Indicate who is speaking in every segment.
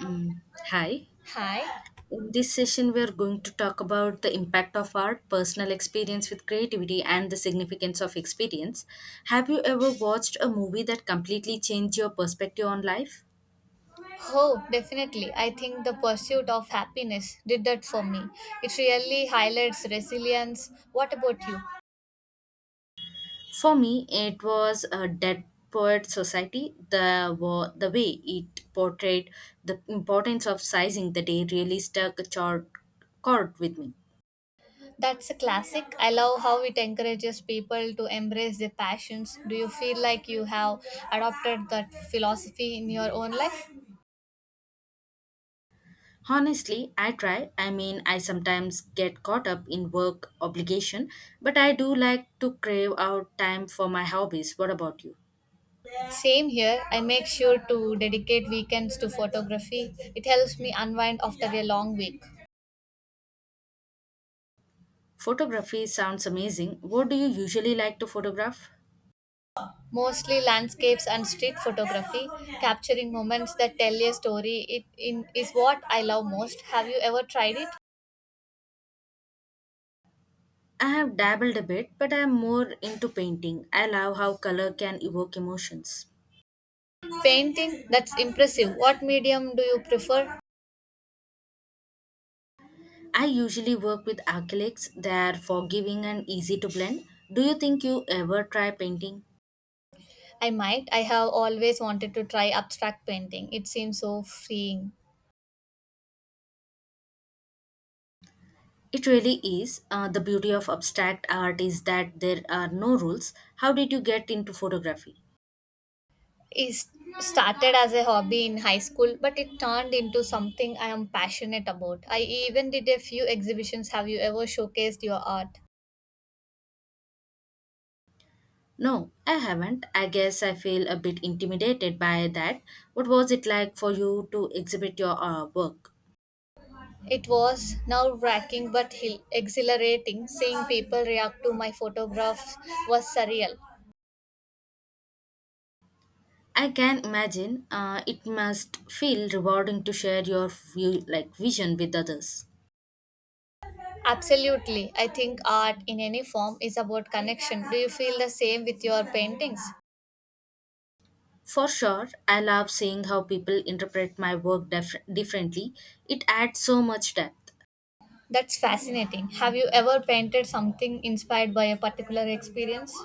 Speaker 1: Mm, hi.
Speaker 2: Hi.
Speaker 1: In this session, we are going to talk about the impact of art, personal experience with creativity, and the significance of experience. Have you ever watched a movie that completely changed your perspective on life?
Speaker 2: Oh, definitely. I think the pursuit of happiness did that for me. It really highlights resilience. What about you?
Speaker 1: For me, it was a Dead Poet Society. The way it portrayed the importance of sizing the day really struck a chord with me.
Speaker 2: That's a classic. I love how it encourages people to embrace their passions. Do you feel like you have adopted that philosophy in your own life?
Speaker 1: Honestly, I try. I mean, I sometimes get caught up in work obligation, but I do like to crave out time for my hobbies. What about you?
Speaker 2: Same here. I make sure to dedicate weekends to photography. It helps me unwind after a long week.
Speaker 1: Photography sounds amazing. What do you usually like to photograph?
Speaker 2: Mostly landscapes and street photography. Capturing moments that tell a story is what I love most. Have you ever tried it?
Speaker 1: I have dabbled a bit, but I am more into painting. I love how color can evoke emotions.
Speaker 2: Painting? That's impressive. What medium do you prefer?
Speaker 1: I usually work with acrylics. They are forgiving and easy to blend. Do you think you ever try painting?
Speaker 2: I might. I have always wanted to try abstract painting. It seems so freeing.
Speaker 1: It really is. The beauty of abstract art is that there are no rules. How did you get into photography?
Speaker 2: It started as a hobby in high school, but it turned into something I am passionate about. I even did a few exhibitions. Have you ever showcased your art?
Speaker 1: No, I haven't. I guess I feel a bit intimidated by that. What was it like for you to exhibit your work?
Speaker 2: It was nerve wracking but exhilarating. Seeing people react to my photographs was surreal.
Speaker 1: I can imagine it must feel rewarding to share your view, like vision with others.
Speaker 2: Absolutely. I think art in any form is about connection. Do you feel the same with your paintings?
Speaker 1: For sure, I love seeing how people interpret my work differently. It adds so much depth.
Speaker 2: That's fascinating. Have you ever painted something inspired by a particular experience?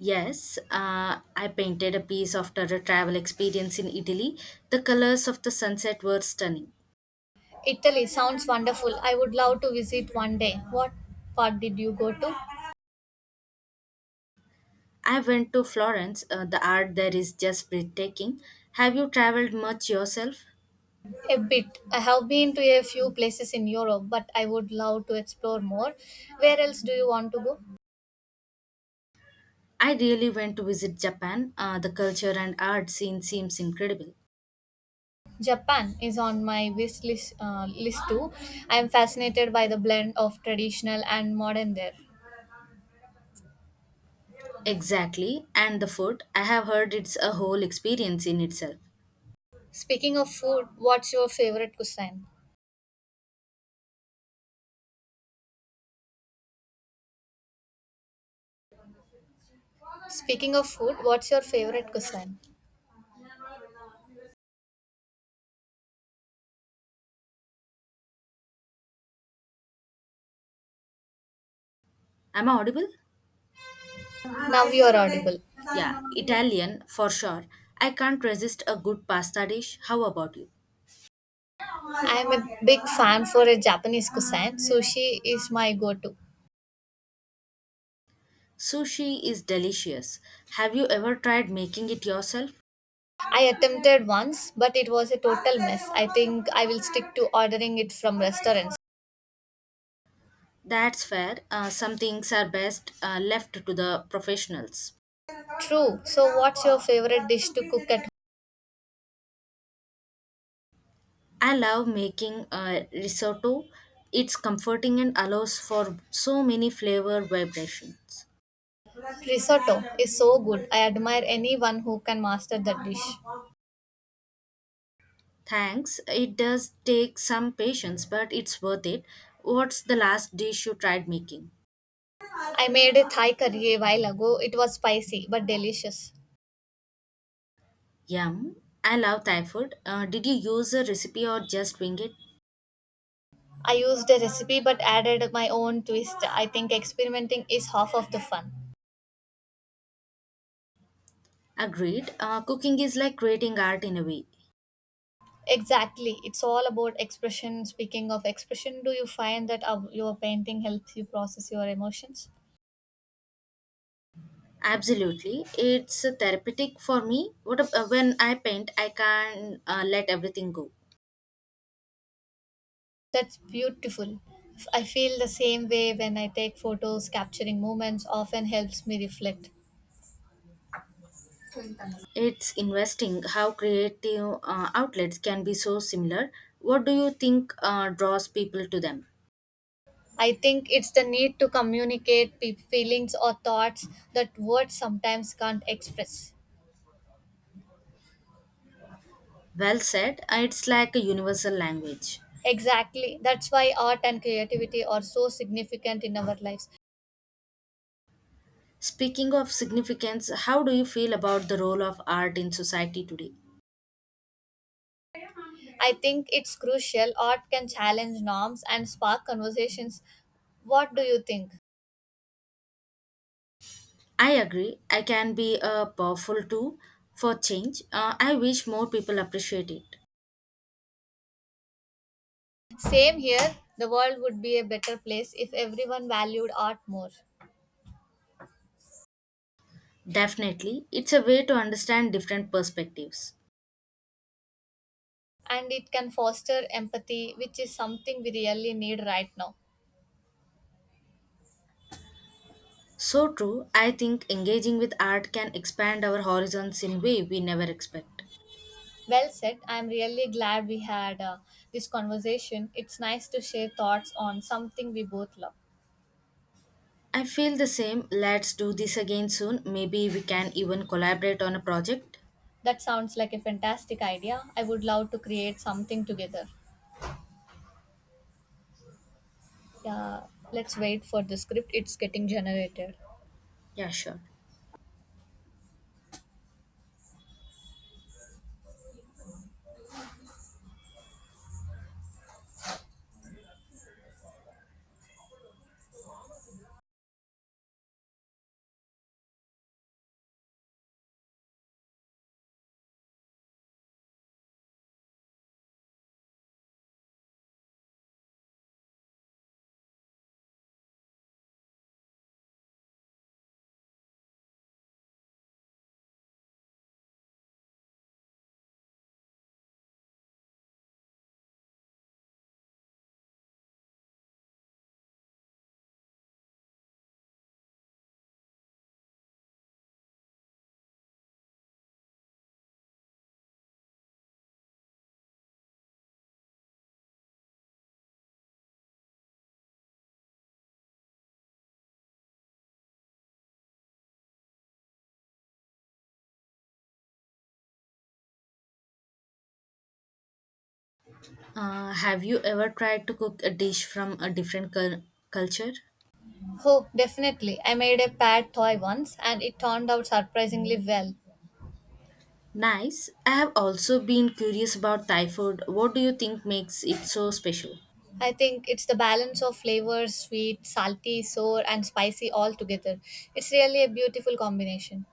Speaker 1: Yes, I painted a piece after a travel experience in Italy. The colors of the sunset were stunning.
Speaker 2: Italy sounds wonderful. I would love to visit one day. What part did you go to?
Speaker 1: I went to Florence. The art there is just breathtaking. Have you traveled much yourself?
Speaker 2: A bit. I have been to a few places in Europe, but I would love to explore more. Where else do you want to go?
Speaker 1: I really went to visit Japan. The culture and art scene seems incredible.
Speaker 2: Japan is on my wish list too. I am fascinated by the blend of traditional and modern there.
Speaker 1: Exactly, and the food. I have heard it's a whole experience in itself.
Speaker 2: Speaking of food, what's your favorite cuisine? Speaking of food, what's your favorite cuisine?
Speaker 1: Am I audible?
Speaker 2: Now you are audible.
Speaker 1: Yeah,
Speaker 2: I
Speaker 1: Italian for sure. I can't resist a good pasta dish. How about you?
Speaker 2: am a big fan for a Japanese cuisine. Sushi is my go-to.
Speaker 1: Sushi is delicious. Have you ever tried making it yourself?
Speaker 2: I attempted once, but it was a total mess. I think I will stick to ordering it from restaurants.
Speaker 1: That's fair. Some things are best left to the professionals.
Speaker 2: True. So, what's your favorite dish to cook at
Speaker 1: I love making risotto. It's comforting and allows for so many flavor vibrations.
Speaker 2: Risotto is so good. I admire anyone who can master that dish.
Speaker 1: Thanks. It does take some patience, but it's worth it. What's the last dish you tried making?
Speaker 2: I made a Thai curry a while ago. It was spicy but delicious.
Speaker 1: Yum. I love Thai food. Did you use a recipe or just wing it?
Speaker 2: I used a recipe but added my own twist. I think experimenting is half of the fun.
Speaker 1: Agreed. Cooking is like creating art in a way.
Speaker 2: Exactly. It's all about expression. Speaking of expression, do you find that your painting helps you process your emotions?
Speaker 1: Absolutely, it's therapeutic for me. When I paint, I can let everything go.
Speaker 2: That's beautiful. I feel the same way when I take photos, capturing moments often helps me reflect.
Speaker 1: It's investing how creative outlets can be so similar. What do you think draws people to them?
Speaker 2: I think it's the need to communicate feelings or thoughts that words sometimes can't express.
Speaker 1: Well said. It's like a universal language.
Speaker 2: Exactly. That's why art and creativity are so significant in our lives.
Speaker 1: Speaking of significance, how do you feel about the role of art in society today?
Speaker 2: I think it's crucial. Art can challenge norms and spark conversations. What do you think?
Speaker 1: I agree. I can be a powerful tool for change. I wish more people appreciate it.
Speaker 2: Same here. The world would be a better place if everyone valued art more.
Speaker 1: Definitely, it's a way to understand different perspectives.
Speaker 2: And it can foster empathy, which is something we really need right now.
Speaker 1: So true, I think engaging with art can expand our horizons in way we never expect.
Speaker 2: Well said. I'm really glad we had this conversation. It's nice to share thoughts on something we both love.
Speaker 1: I feel the same. Let's do this again soon. Maybe we can even collaborate on a project.
Speaker 2: That sounds like a fantastic idea. I would love to create something together. Yeah, let's wait for the script. It's getting generated.
Speaker 1: Yeah, sure. Have you ever tried to cook a dish from a different culture?
Speaker 2: Oh, definitely. I made a pad toy once and it turned out surprisingly well.
Speaker 1: Nice. I have also been curious about Thai food. What do you think makes it so special?
Speaker 2: I think it's the balance of flavors sweet, salty, sour, and spicy all together. It's really a beautiful combination.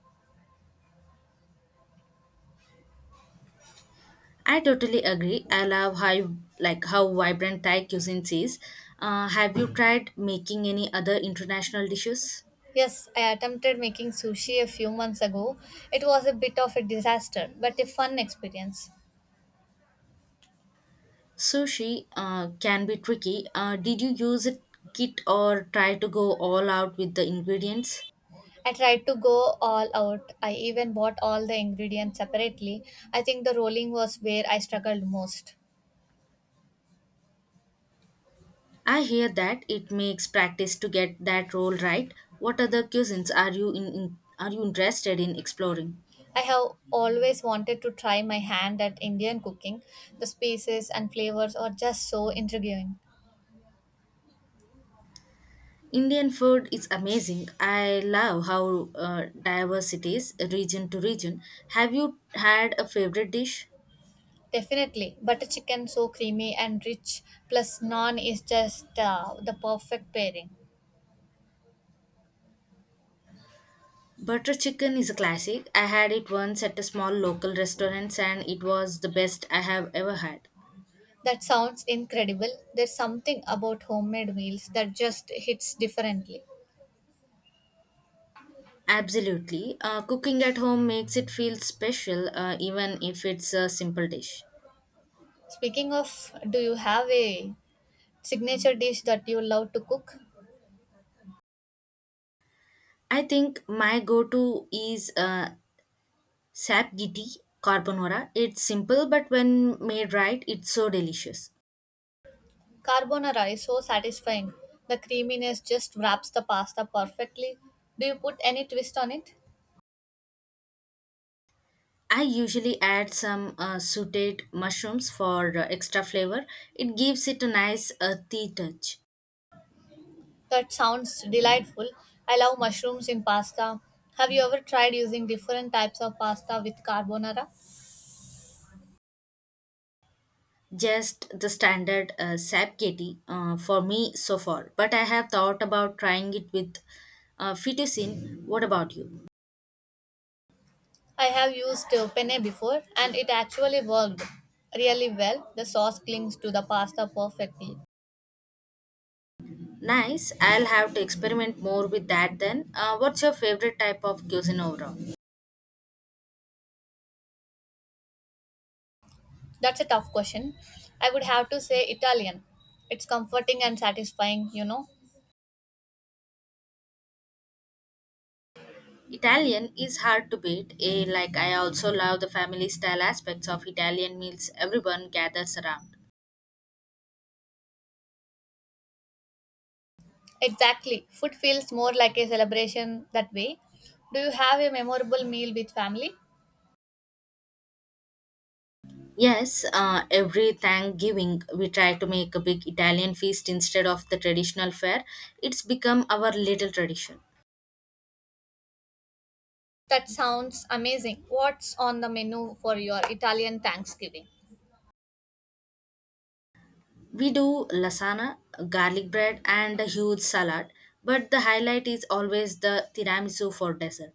Speaker 1: I totally agree. I love how vibrant Thai cuisine is. Have you tried making any other international dishes?
Speaker 2: Yes, I attempted making sushi a few months ago. It was a bit of a disaster, but a fun experience.
Speaker 1: Sushi can be tricky. Did you use a kit or try to go all out with the ingredients?
Speaker 2: I tried to go all out. I even bought all the ingredients separately. I think the rolling was where I struggled most.
Speaker 1: I hear that it makes practice to get that role right. What other cuisines are you interested in exploring?
Speaker 2: I have always wanted to try my hand at Indian cooking. The spices and flavors are just so intriguing.
Speaker 1: Indian food is amazing. I love how diverse it is, region to region. Have you had a favorite dish?
Speaker 2: Definitely, butter chicken so creamy and rich, plus naan is just the perfect pairing.
Speaker 1: Butter chicken is a classic. I had it once at a small local restaurant and it was the best I have ever had.
Speaker 2: That sounds incredible. There's something about homemade meals that just hits differently.
Speaker 1: Absolutely. Cooking at home makes it feel special, even if it's a simple dish.
Speaker 2: Speaking of, do you have a signature dish that you love to cook?
Speaker 1: I think my go to is sapgiti carbonara. It's simple, but when made right, it's so delicious.
Speaker 2: Carbonara is so satisfying. The creaminess just wraps the pasta perfectly. Do you put any twist on it?
Speaker 1: I usually add some sauteed mushrooms for extra flavor. It gives it a nice earthy touch.
Speaker 2: That sounds delightful. I love mushrooms in pasta. Have you ever tried using different types of pasta with carbonara?
Speaker 1: Just the standard sapgeti for me so far. But I have thought about trying it with fettuccine. What about you?
Speaker 2: I have used penne before and it actually worked really well. The sauce clings to the pasta perfectly.
Speaker 1: Nice. I'll have to experiment more with that then. What's your favorite type of cuisine overall?
Speaker 2: That's a tough question. I would have to say Italian. It's comforting and satisfying, you know.
Speaker 1: Italian is hard to beat. Like I also love the family style aspects of Italian meals. Everyone gathers around.
Speaker 2: Exactly. Food feels more like a celebration that way. Do you have a memorable meal with family?
Speaker 1: Yes, every Thanksgiving we try to make a big Italian feast instead of the traditional fare. It's become our little tradition.
Speaker 2: That sounds amazing. What's on the menu for your Italian Thanksgiving?
Speaker 1: We do lasagna, garlic bread, and a huge salad, but the highlight is always the tiramisu for dessert.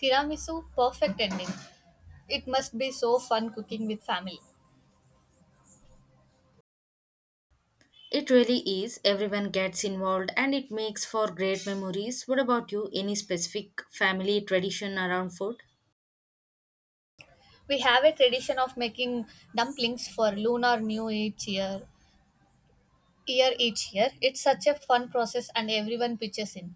Speaker 2: Tiramisu, perfect ending. It must be so fun cooking with family.
Speaker 1: It really is. Everyone gets involved and it makes for great memories. What about you? Any specific family tradition around food?
Speaker 2: We have a tradition of making dumplings for Lunar New each year. Year each year. It's such a fun process and everyone pitches in.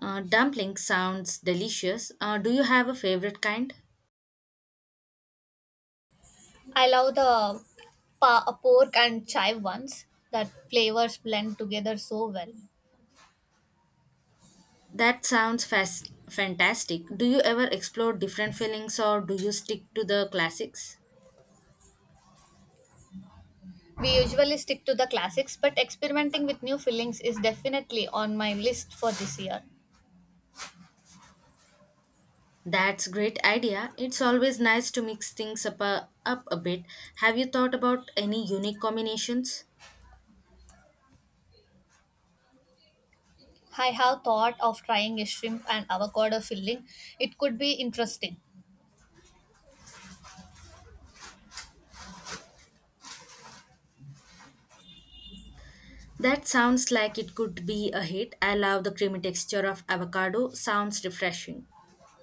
Speaker 1: Dumplings sounds delicious. Do you have a favorite kind?
Speaker 2: I love the pork and chive ones that flavors blend together so well.
Speaker 1: That sounds fas fantastic. Do you ever explore different feelings or do you stick to the classics?
Speaker 2: We usually stick to the classics, but experimenting with new fillings is definitely on my list for this year.
Speaker 1: That's great idea. It's always nice to mix things up a bit. Have you thought about any unique combinations?
Speaker 2: I have thought of trying a shrimp and avocado filling. It could be interesting.
Speaker 1: That sounds like it could be a hit. I love the creamy texture of avocado. Sounds refreshing.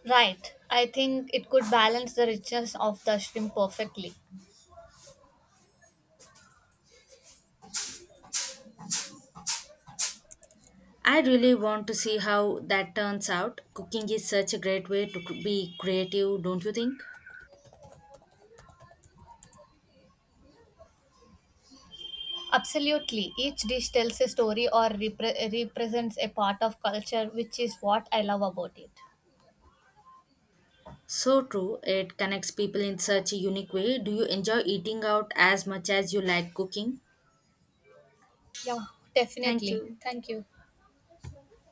Speaker 2: Right. I think it could balance the richness of the shrimp perfectly.
Speaker 1: I really want to see how that turns out. Cooking is such a great way to be creative, don't you think?
Speaker 2: Absolutely. Each dish tells a story or represents a part of culture, which is what I love about it.
Speaker 1: So true. It connects people in such a unique way. Do you enjoy eating out as much as you like cooking?
Speaker 2: Yeah,
Speaker 1: Thank
Speaker 2: definitely.
Speaker 1: you.
Speaker 2: Thank you.